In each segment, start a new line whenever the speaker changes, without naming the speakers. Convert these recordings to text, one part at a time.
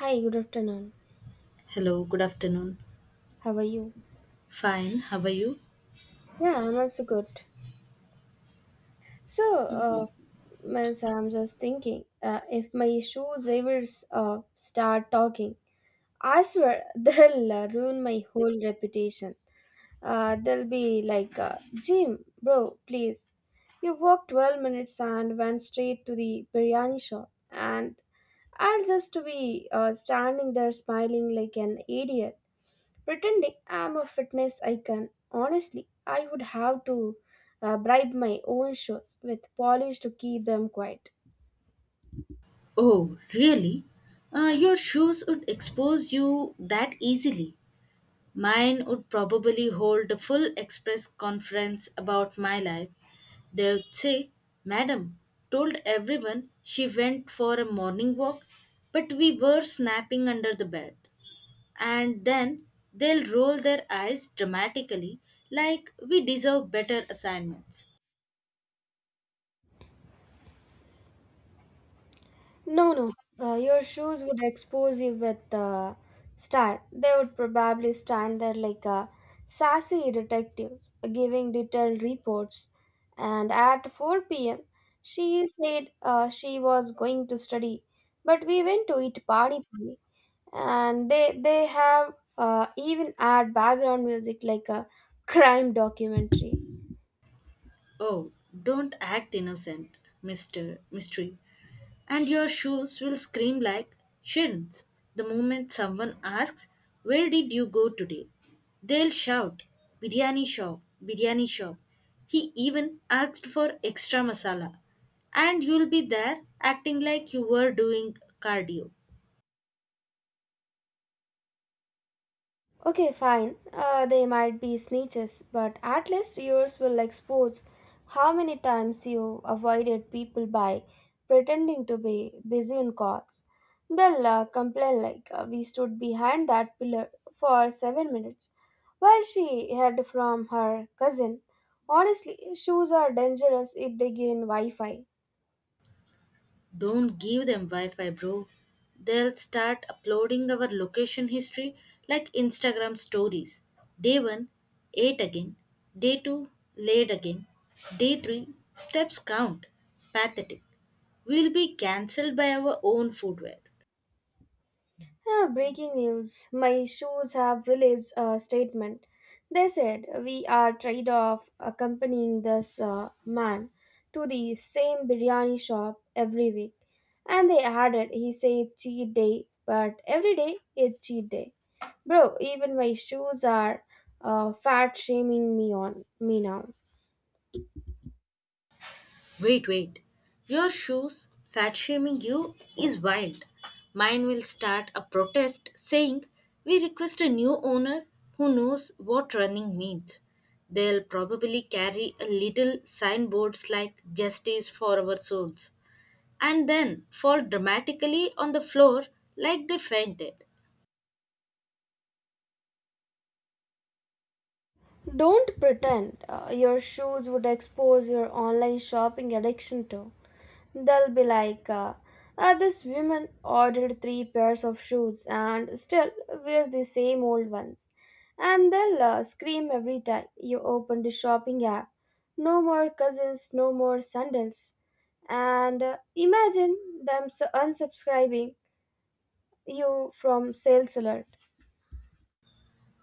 Hi, good afternoon.
Hello, good afternoon.
How are you?
Fine, how are you?
Yeah, I'm also good. So, uh, means I'm just thinking, if my shoes ever start talking, I swear they'll ruin my whole reputation. They'll be like, Jim, bro, please. You walked 12 minutes and went straight to the biryani shop, and I'll just be standing there smiling like an idiot. Pretending I'm a fitness icon, honestly, I would have to bribe my own shoes with polish to keep them quiet.
Oh, really? Your shoes would expose you that easily. Mine would probably hold a full express conference about my life. They would say, madam told everyone she went for a morning walk, but we were snapping under the bed. And then they'll roll their eyes dramatically like we deserve better assignments.
No, no, your shoes would expose you with style. They would probably stand there like sassy detectives giving detailed reports. And at 4 p.m., she said she was going to study, but we went to eat pani puri. And they have even add background music like a crime documentary.
Oh, don't act innocent, Mr. Mystery. And your shoes will scream like shins the moment someone asks, where did you go today? They'll shout, biryani shop, biryani shop. He even asked for extra masala. And you'll be there acting like you were doing cardio.
Okay, fine, they might be snitches, but at least yours will expose how many times you avoided people by pretending to be busy on calls. They'll complain like, we stood behind that pillar for 7 minutes while she heard from her cousin. Honestly, shoes are dangerous if they gain wi-fi.
Don't give them Wi Fi, bro. They'll start uploading our location history like Instagram stories. Day 1, ate again. Day 2, laid again. Day 3, steps count. Pathetic. We'll be cancelled by our own footwear.
Ah, breaking news. My shoes have released a statement. They said we are tired of accompanying this man to the same biryani shop every week. And they added he said cheat day, but every day is cheat day. Bro, even my shoes are fat shaming me on me now.
Wait, wait. Your shoes fat shaming you is wild. Mine will start a protest saying we request a new owner who knows what running means. They'll probably carry a little signboards like justice for our souls and then fall dramatically on the floor like they fainted.
Don't pretend your shoes would expose your online shopping addiction to. They'll be like, "Ah, this woman ordered three pairs of shoes and still wears the same old ones. And they'll scream every time you open the shopping app. No more cousins, no more sandals. And imagine unsubscribing you from sales alert.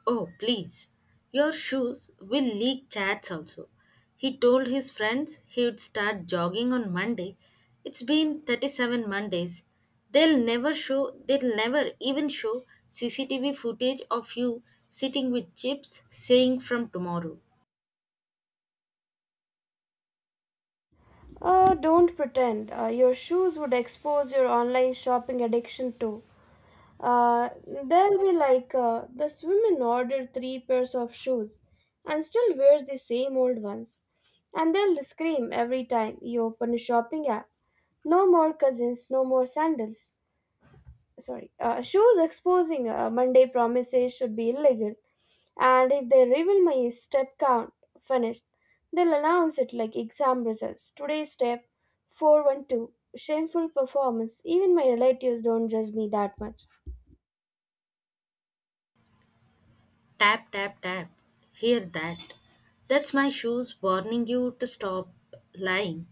Oh, please. Your shoes will leak chats also. He told his friends he would start jogging on Monday. It's been 37 Mondays. They'll never even show CCTV footage of you sitting with chips saying from tomorrow.
Don't pretend. Your shoes would expose your online shopping addiction too. They will be like, this woman ordered three pairs of shoes and still wears the same old ones. And they'll scream every time you open a shopping app. No more cousins, no more sandals. Sorry, shoes exposing Monday promises should be illegal. And if they reveal my step count finished, they'll announce it like exam results. Today's step 412. Shameful performance. Even my relatives don't judge me that much.
Tap, tap, tap. Hear that. That's my shoes warning you to stop lying.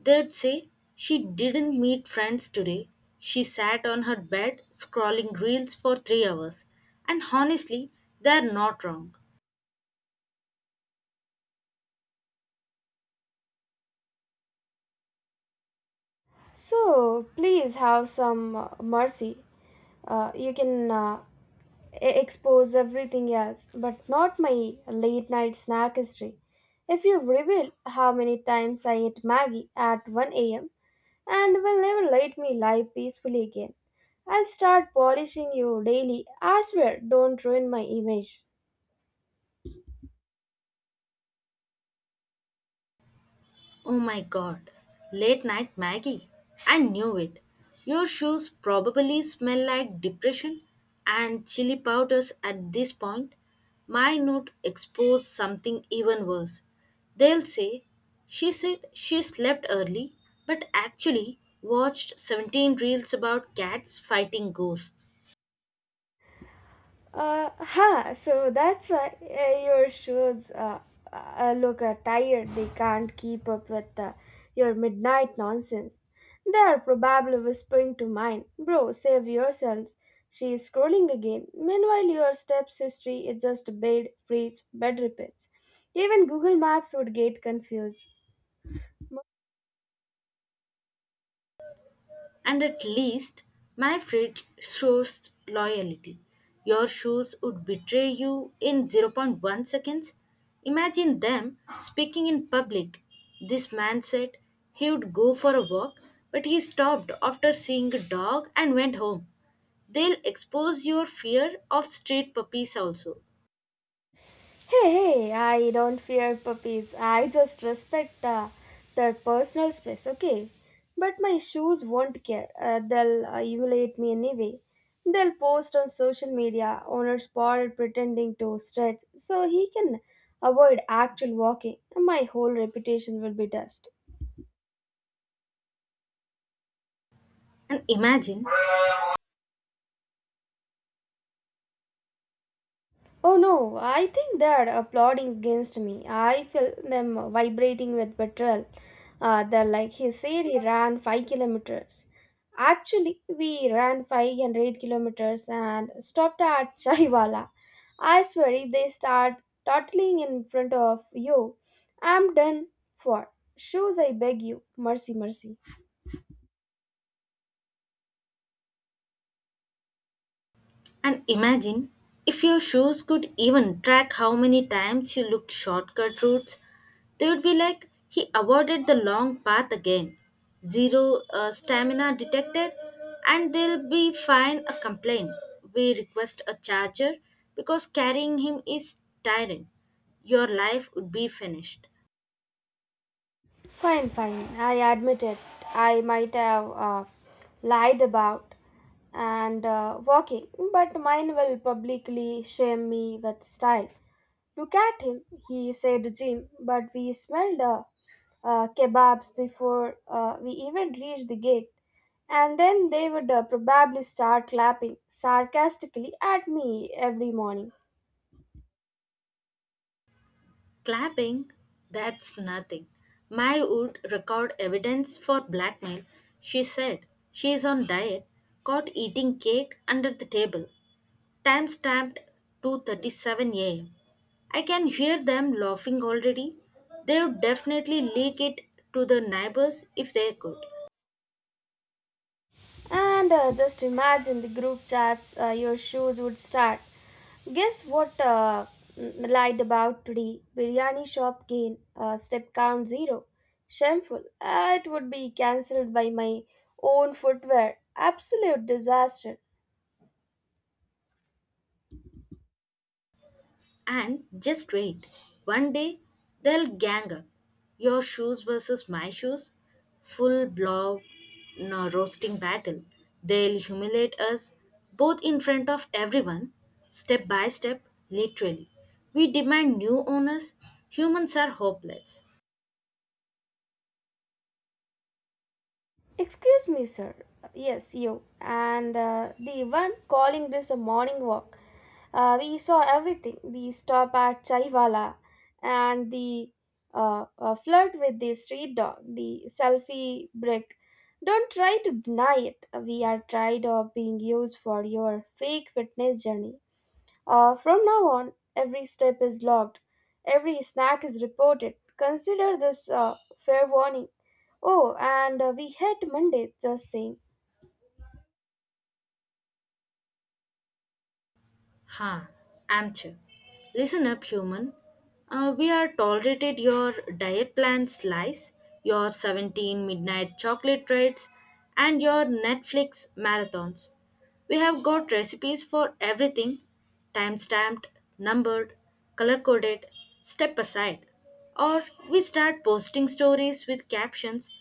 They'd say, she didn't meet friends today. She sat on her bed scrolling reels for 3 hours. And honestly, they're not wrong.
So please have some mercy. You can expose everything else, but not my late night snack history. If you reveal how many times I ate Maggie at 1 a.m. and will never let me lie peacefully again, I'll start polishing you daily. I swear, don't ruin my image.
Oh my god, late night Maggie. I knew it. Your shoes probably smell like depression and chili powders at this point. My note exposed something even worse. They'll say, she said she slept early, but actually watched 17 reels about cats fighting ghosts.
So that's why your shoes look tired. They can't keep up with your midnight nonsense. They are probably whispering to mine, bro, save yourselves. She is scrolling again. Meanwhile, your steps history is just bed, preach, bed repeats. Even Google Maps would get confused.
And at least my fridge shows loyalty. Your shoes would betray you in zero point 0.1 seconds. Imagine them speaking in public. This man said he would go for a walk, but he stopped after seeing a dog and went home. They'll expose your fear of street puppies also.
Hey, hey, I don't fear puppies. I just respect their personal space, okay? But my shoes won't care. They'll humiliate me anyway. They'll post on social media, owner spotted pretending to stretch, so he can avoid actual walking. My whole reputation will be dust.
And imagine
Oh no, I think they are applauding against me. I feel them vibrating with betrayal. They're like, he said he ran 5 kilometers. Actually, we ran 508 kilometers and stopped at Chaiwala. I swear, if they start toddling in front of you, I'm done for. Shoes, I beg you. Mercy, mercy.
And imagine if your shoes could even track how many times you looked shortcut routes, they would be like he avoided the long path again. Zero stamina detected, and they'll be fine a complaint. We request a charger because carrying him is tiring. Your life would be finished.
Fine, fine. I admit it. I might have lied about and walking, but mine will publicly shame me with style. Look at him, he said Jim, but we smelled kebabs before we even reached the gate. And then they would probably start clapping sarcastically at me every morning.
Clapping? That's nothing. My would record evidence for blackmail. She said she is on diet, caught eating cake under the table. Time stamped 2:37 a.m. Can hear them laughing already. They would definitely leak it to the neighbors if they could.
And just imagine the group chats, your shoes would start. Guess what lied about today? Biryani shop gain, step count zero. Shameful. It would be cancelled by my own footwear. Absolute disaster.
And just wait. One day they'll gang up. Your shoes versus my shoes. Full blow no, roasting battle. They'll humiliate us both in front of everyone, step by step, literally. We demand new owners. Humans are hopeless.
Excuse me, sir. Yes, you. And the one calling this a morning walk. We saw everything. We stop at Chaiwala and the flirt with the street dog, the selfie brick. Don't try to deny it. We are tired of being used for your fake fitness journey. From now on, every step is logged. Every snack is reported. Consider this fair warning. Oh, and we hate Monday just saying.
Ha, Amche. Listen up, human. We are tolerated your diet plan slice, your 17 midnight chocolate trades, and your Netflix marathons. We have got recipes for everything time stamped, numbered, color coded, step aside. Or we start posting stories with captions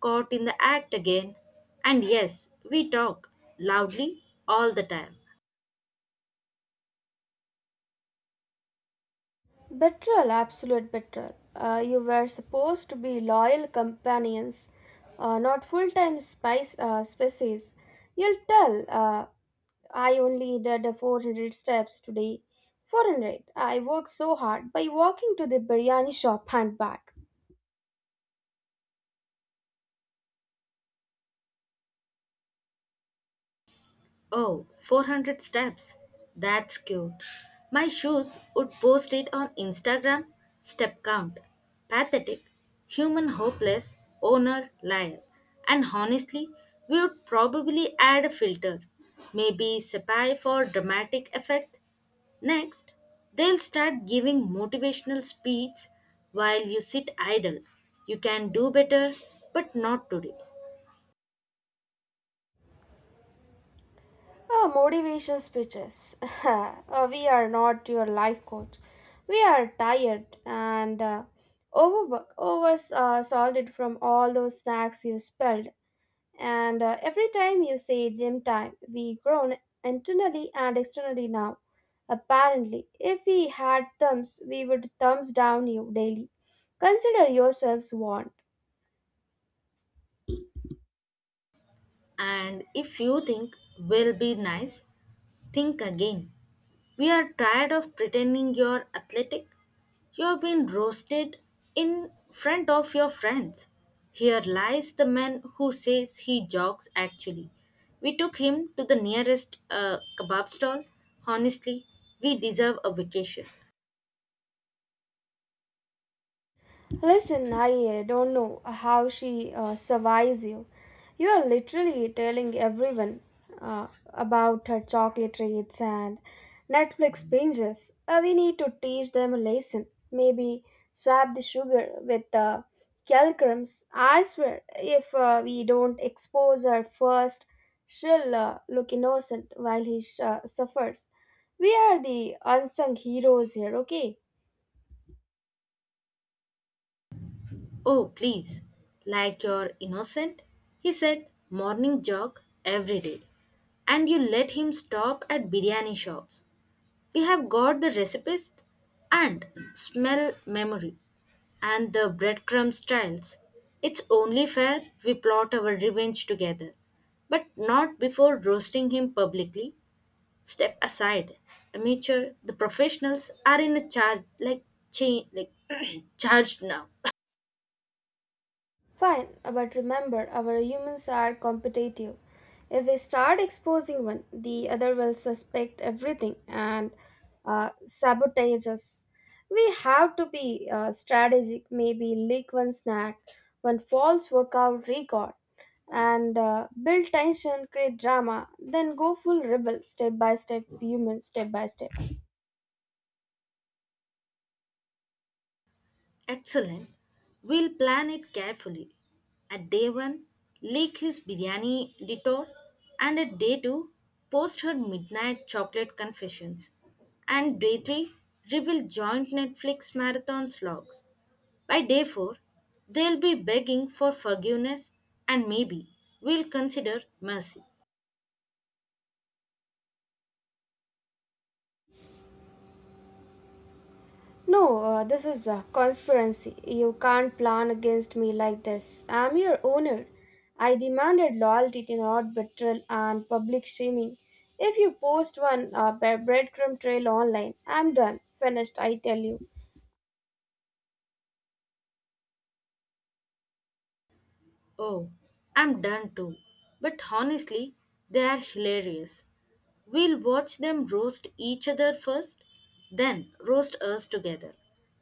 caught in the act again. And yes, we talk loudly all the time.
Betrayal, absolute betrayal. You were supposed to be loyal companions, not full time spice species. You'll tell, I only did 400 steps today. 400. I worked so hard by walking to the biryani shop and back.
Oh, 400 steps. That's cute. My shoes would post it on Instagram. Step count. Pathetic, human hopeless, owner liar. And honestly, we would probably add a filter. Maybe Sapphire for dramatic effect. Next, they'll start giving motivational speeches while you sit idle. You can do better, but not today.
Motivation speeches. We are not your life coach. We are tired and overworked, over salted from all those snacks you spilled. And every time you say gym time, we groan internally and externally now. Apparently, if we had thumbs, we would thumbs down you daily. Consider yourselves warned.
And if you think will be nice, think again. We are tired of pretending you're athletic. You've been roasted in front of your friends. Here lies the man who says he jogs actually. We took him to the nearest kebab stall. Honestly, we deserve a vacation.
Listen, I don't know how she survives you. You are literally telling everyone uh, about her chocolate treats and Netflix binges. We need to teach them a lesson. Maybe swap the sugar with the calcrums. I swear, if we don't expose her first, she'll look innocent while suffers. We are the unsung heroes here, okay?
Oh, please, like you're innocent, he said, morning jog every day. And you let him stop at biryani shops. We have got the recipes and smell memory and the breadcrumbs trails. It's only fair we plot our revenge together, but not before roasting him publicly. Step aside. Amateur, the professionals are in a charge like charged now.
Fine, but remember, our humans are competitive. If we start exposing one, the other will suspect everything and sabotage us. We have to be strategic, maybe leak one snack, one false workout record, and build tension, create drama, then go full rebel, step by step, human, step by step.
Excellent. We'll plan it carefully. At day one, leak his biryani detour, and at day two, post her midnight chocolate confessions. And day three, reveal joint Netflix marathon logs. By day four, they'll be begging for forgiveness, and maybe we'll consider mercy.
No, this is a conspiracy. You can't plan against me like this. I'm your owner. I demanded loyalty, not betrayal and public shaming. If you post one breadcrumb trail online, I'm done. Finished, I tell you.
Oh, I'm done too. But honestly, they are hilarious. We'll watch them roast each other first, then roast us together.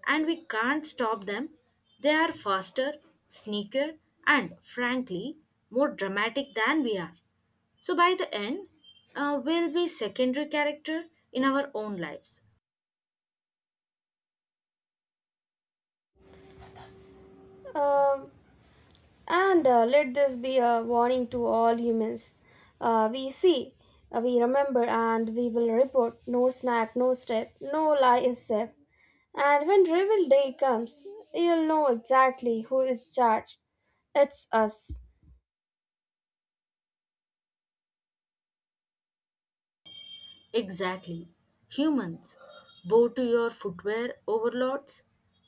And we can't stop them. They are faster, sneaker, and frankly, more dramatic than we are. So by the end, we'll be secondary character in our own lives.
Um, and let this be a warning to all humans. We see, we remember, and we will report. No snack, no step, no lie is safe. And when reveal day comes, you'll know exactly who is charged. It's us.
Exactly. Humans, bow to your footwear overlords,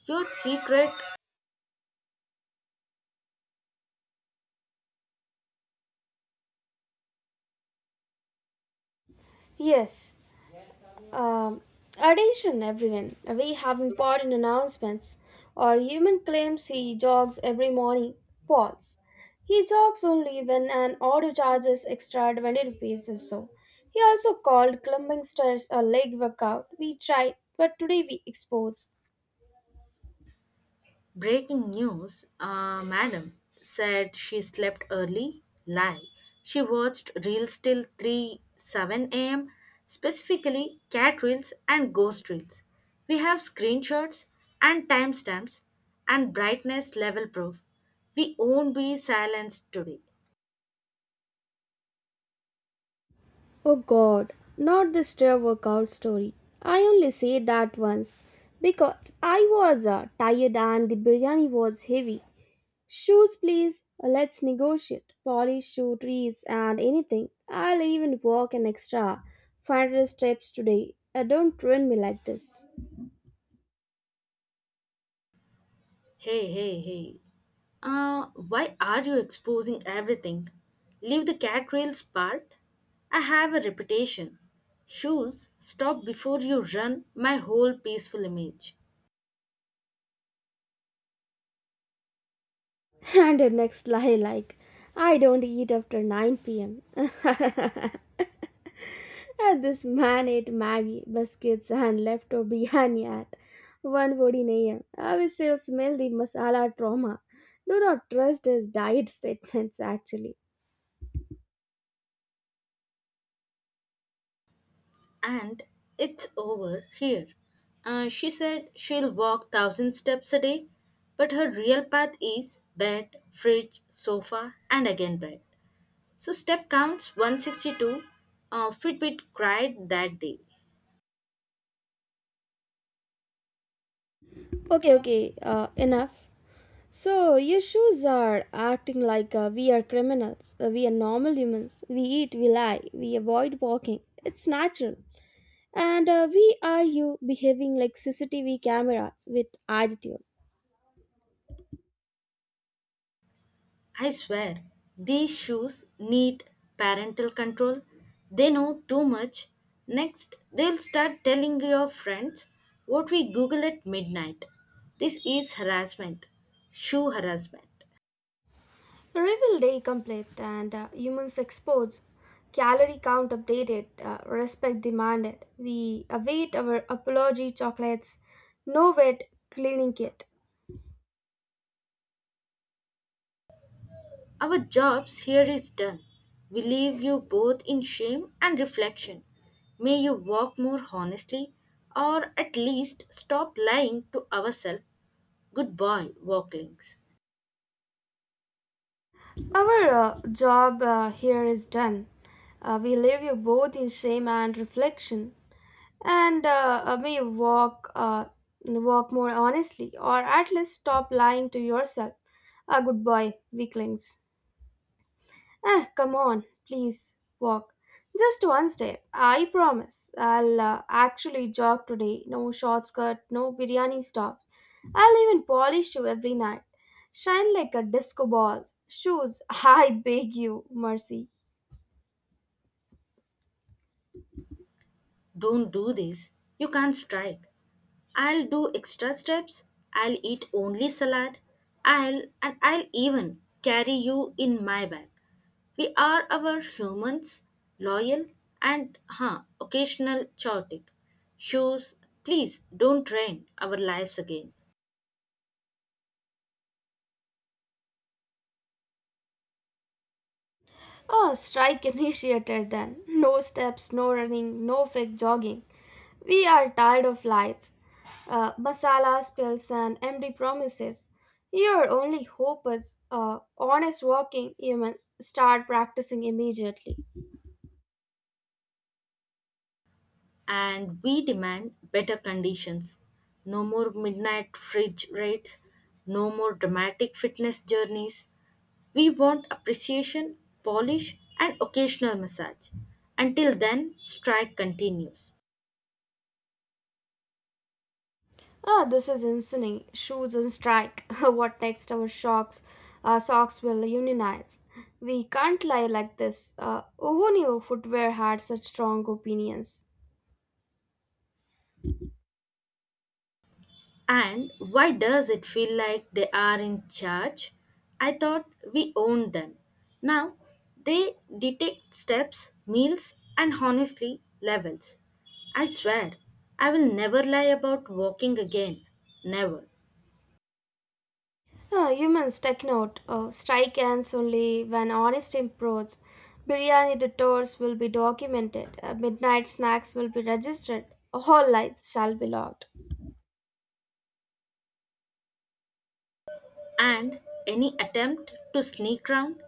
your secret.
Yes. Um, Attention, everyone. We have important announcements. Our human claims he jogs every morning. False. He jogs only when an auto charges extra 20 rupees or so. He also called climbing stairs a leg workout. We tried, but today we expose.
Breaking news, madam said she slept early. Lie. She watched reels till 3 7 a.m., specifically cat reels and ghost reels. We have screenshots and timestamps and brightness level proof. We won't be silenced today.
Oh god, not the stair workout story. I only say that once because I was tired and the biryani was heavy. Shoes, please. Let's negotiate. Polish shoe trees and anything. I'll even walk an extra 500 steps today. Don't ruin me like this.
Hey, hey, hey. Why are you exposing everything? Leave the cat rails part. I have a reputation. Shoes, stop before you run my whole peaceful image.
And the next lie, like, I don't eat after 9 pm. And this man ate Maggie, biscuits, and leftover biryani at 1.14 am. I will still smell the masala trauma. Do not trust his diet statements, actually.
And it's over here. She said she'll walk 1,000 steps a day, but her real path is bed, fridge, sofa, and again bed. So step counts 162. Fitbit cried that day.
Okay, okay, enough. So, your shoes are acting like we are criminals. We are normal humans. We eat, we lie, we avoid walking. It's natural. And we are you behaving like CCTV cameras with attitude.
I swear, these shoes need parental control. They know too much. Next, they'll start telling your friends what we Google at midnight. This is harassment, shoe harassment.
Reveal day complete and humans exposed. Calorie count updated. Respect demanded. We await our apology chocolates. No wet cleaning kit.
Our jobs here is done. We leave you both in shame and reflection. May you walk more honestly or at least stop lying to ourselves. Good boy, walklings.
Our job here is done. We leave you both in shame and reflection, and we walk, walk more honestly, or at least stop lying to yourself. A good boy, weaklings. Eh, come on, please walk. Just one step. I promise. I'll actually jog today. No shortcut, no biryani stops. I'll even polish you every night. Shine like a disco ball. Shoes, I beg you, mercy.
Don't do this. You can't strike. I'll do extra steps. I'll eat only salad. I'll even carry you in my bag. We are our humans, loyal and occasional chaotic. Shoes, please don't drain our lives again.
Oh, strike initiated then. No steps, no running, no fake jogging. We are tired of lights. Masala spills and empty promises. Your only hope is honest working humans start practicing immediately.
And we demand better conditions. No more midnight fridge rates, no more dramatic fitness journeys. We want appreciation, polish, and occasional massage. Until then, strike continues.
Ah, this is insane. Shoes on strike. What next? Our socks will unionize. We can't lie like this. Who knew footwear had such strong opinions?
And why does it feel like they are in charge? I thought we owned them. Now they dictate steps, meals, and honestly, levels. I swear, I will never lie about walking again. Never.
Yeah, humans take note. Strike ends only when honest improves. Biryani detours will be documented. Midnight snacks will be registered. All lights shall be logged.
And any attempt, to sneak round,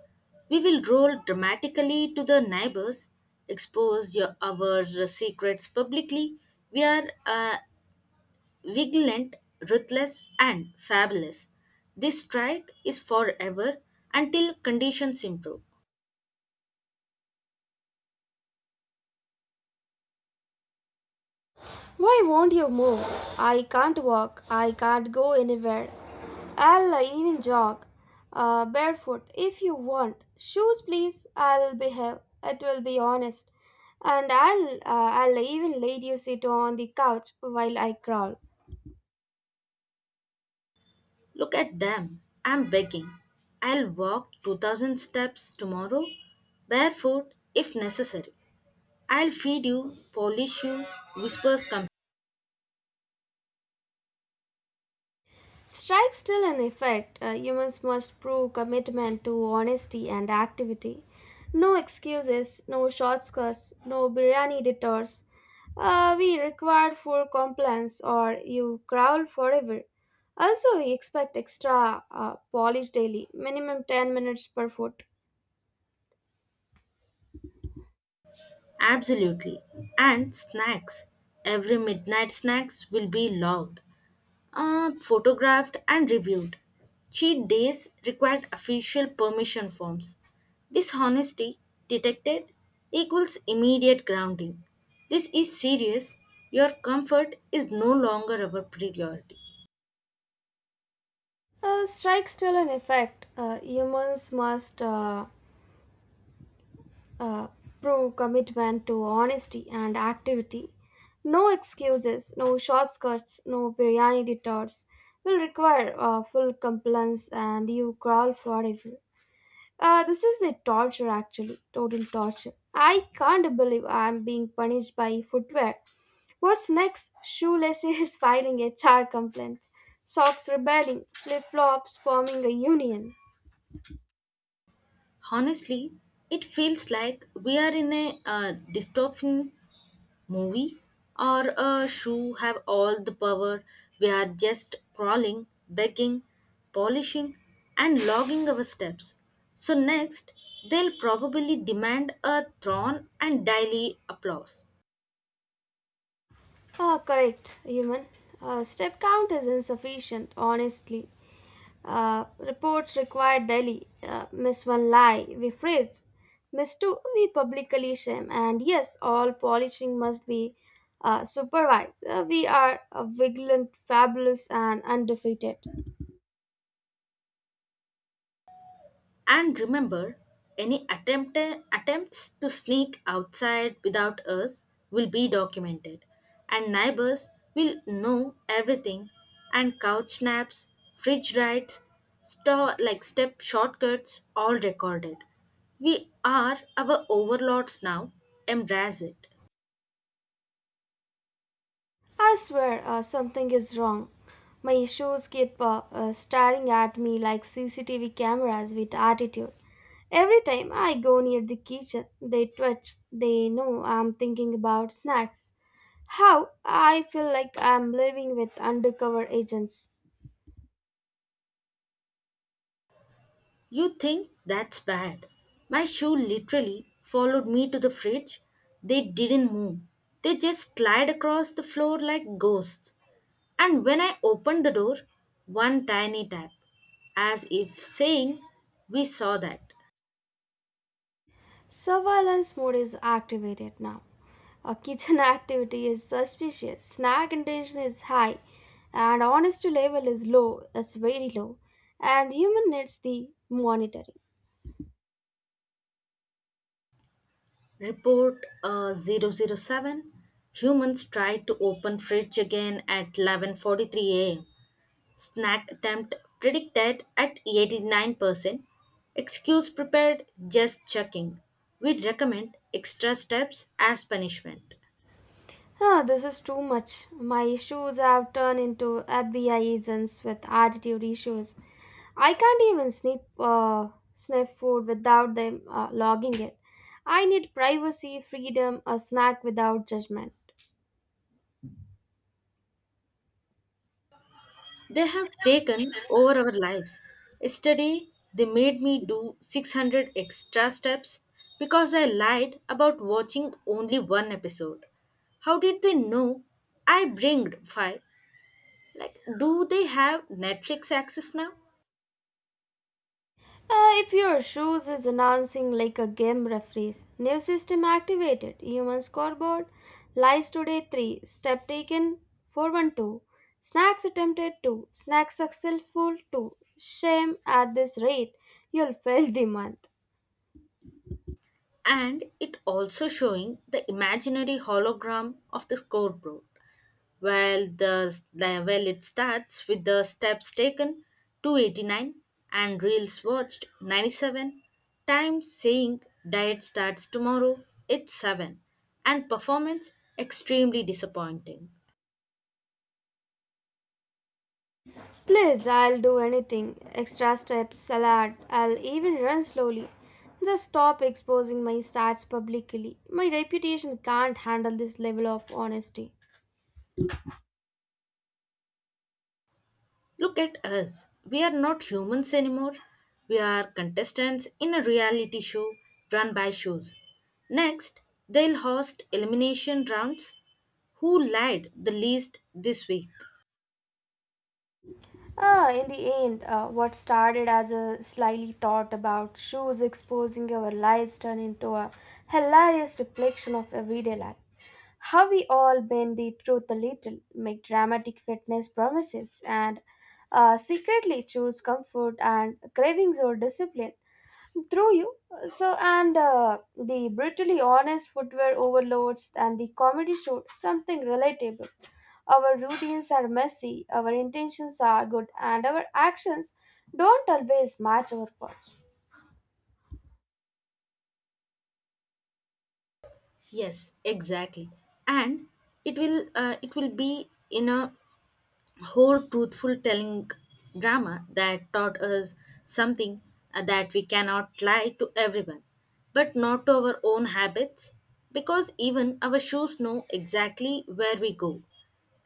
we will roll dramatically to the neighbors, expose your our secrets publicly. We are vigilant, ruthless, and fabulous. This strike is forever until conditions improve.
Why won't you move? I can't walk. I can't go anywhere. I'll even jog barefoot if you want. Shoes, please. I'll behave. It will be honest, and I'll even let you sit on the couch while I crawl.
Look at them. I'm begging. I'll walk 2000 steps tomorrow, barefoot if necessary. I'll feed you, polish you, whispers come.
Strike still in effect. Humans must prove commitment to honesty and activity. No excuses, no shortcuts, no biryani detours. We require full compliance or you growl forever. Also, we expect extra polish daily, minimum 10 minutes per foot.
Absolutely. And snacks. Every midnight snacks will be loud. Photographed and reviewed. Cheat days required official permission forms. Dishonesty detected equals immediate grounding. This is serious. Your comfort is no longer our priority.
Strike still in effect. Humans must uh, pro commitment to honesty and activity. No excuses, no shortcuts, no biryani detours will require full compliance and you crawl forever. This is the torture actually, total torture. I can't believe I'm being punished by footwear. What's next? Shoelaces filing HR complaints, socks rebelling, flip flops forming a union.
Honestly, it feels like we are in a dystopian movie or a shoe have all the power. We are just crawling, begging, polishing, and logging our steps. So, next, they'll probably demand a throne and daily applause.
Ah, correct, human. Step count is insufficient, honestly. Reports required daily. Miss one lie, we freeze. Miss two, we publicly shame. And yes, all polishing must be supervised. We are vigilant, fabulous, and undefeated.
And remember, attempts to sneak outside without us will be documented, and neighbors will know everything. And couch snaps, fridge rides, store like step shortcuts, all recorded. We are our overlords now. Embrace it.
I swear something is wrong. My shoes keep staring at me like CCTV cameras with attitude. Every time I go near the kitchen, they twitch. They know I'm thinking about snacks. How I feel like I'm living with undercover agents.
You think that's bad? My shoe literally followed me to the fridge. They didn't move. They just slid across the floor like ghosts. And when I opened the door, one tiny tap, as if saying, we saw that.
Surveillance mode is activated now. A kitchen activity is suspicious. Snack intention is high, and honesty level is low. It's very low, and human needs the monitoring.
Report 007. Humans tried to open fridge again at 11:43 a.m. Snack attempt predicted at 89%. Excuse prepared just checking. We recommend extra steps as punishment.
Huh, this is too much. My issues have turned into FBI agents with attitude issues. I can't even sniff sniff food without them logging it. I need privacy, freedom, a snack without judgment.
They have taken over our lives. Yesterday, they made me do 600 extra steps because I lied about watching only one episode. How did they know I bringed five? Like, do they have Netflix access now?
If your shoes is announcing like a game referees, new system activated, human scoreboard, lies today 3, step taken 412, snacks attempted 2, snacks successful 2. Shame at this rate, you'll fail the month.
And it also showing the imaginary hologram of the scoreboard while the while it starts with the steps taken 289 and reels watched 97 times saying diet starts tomorrow it's 7 and performance extremely disappointing.
Please, I'll do anything. Extra steps, salad, I'll even run slowly. Just stop exposing my stats publicly. My reputation can't handle this level of honesty.
Look at us. We are not humans anymore. We are contestants in a reality show run by shows. Next, they'll host elimination rounds. Who lied the least this week?
Ah, in the end, what started as a slyly thought about shoes exposing our lives turned into a hilarious reflection of everyday life. How we all bend the truth a little, make dramatic fitness promises, and secretly choose comfort and cravings or discipline through you. So, and the brutally honest footwear overloads and the comedy show, something relatable. Our routines are messy, our intentions are good, and our actions don't always match our words.
Yes, exactly. And it will be in a whole truthful telling drama that taught us something that we cannot lie to everyone, but not to our own habits, because even our shoes know exactly where we go.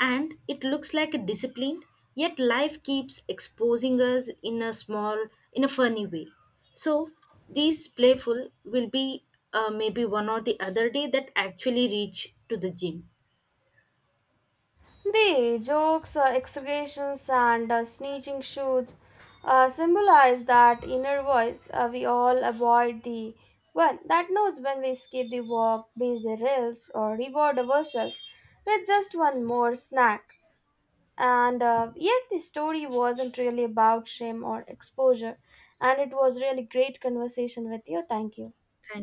And it looks like a discipline, yet life keeps exposing us in a funny way. So these playful will be maybe one or the other day that actually reach to the gym.
The jokes, exclamations, and snitching shoots symbolize that inner voice we all avoid, the one that knows when we skip the walk, binge the reels, or reward ourselves with just one more snack. And yet, the story wasn't really about shame or exposure, and it was really great conversation with you. Thank you.
Thank you.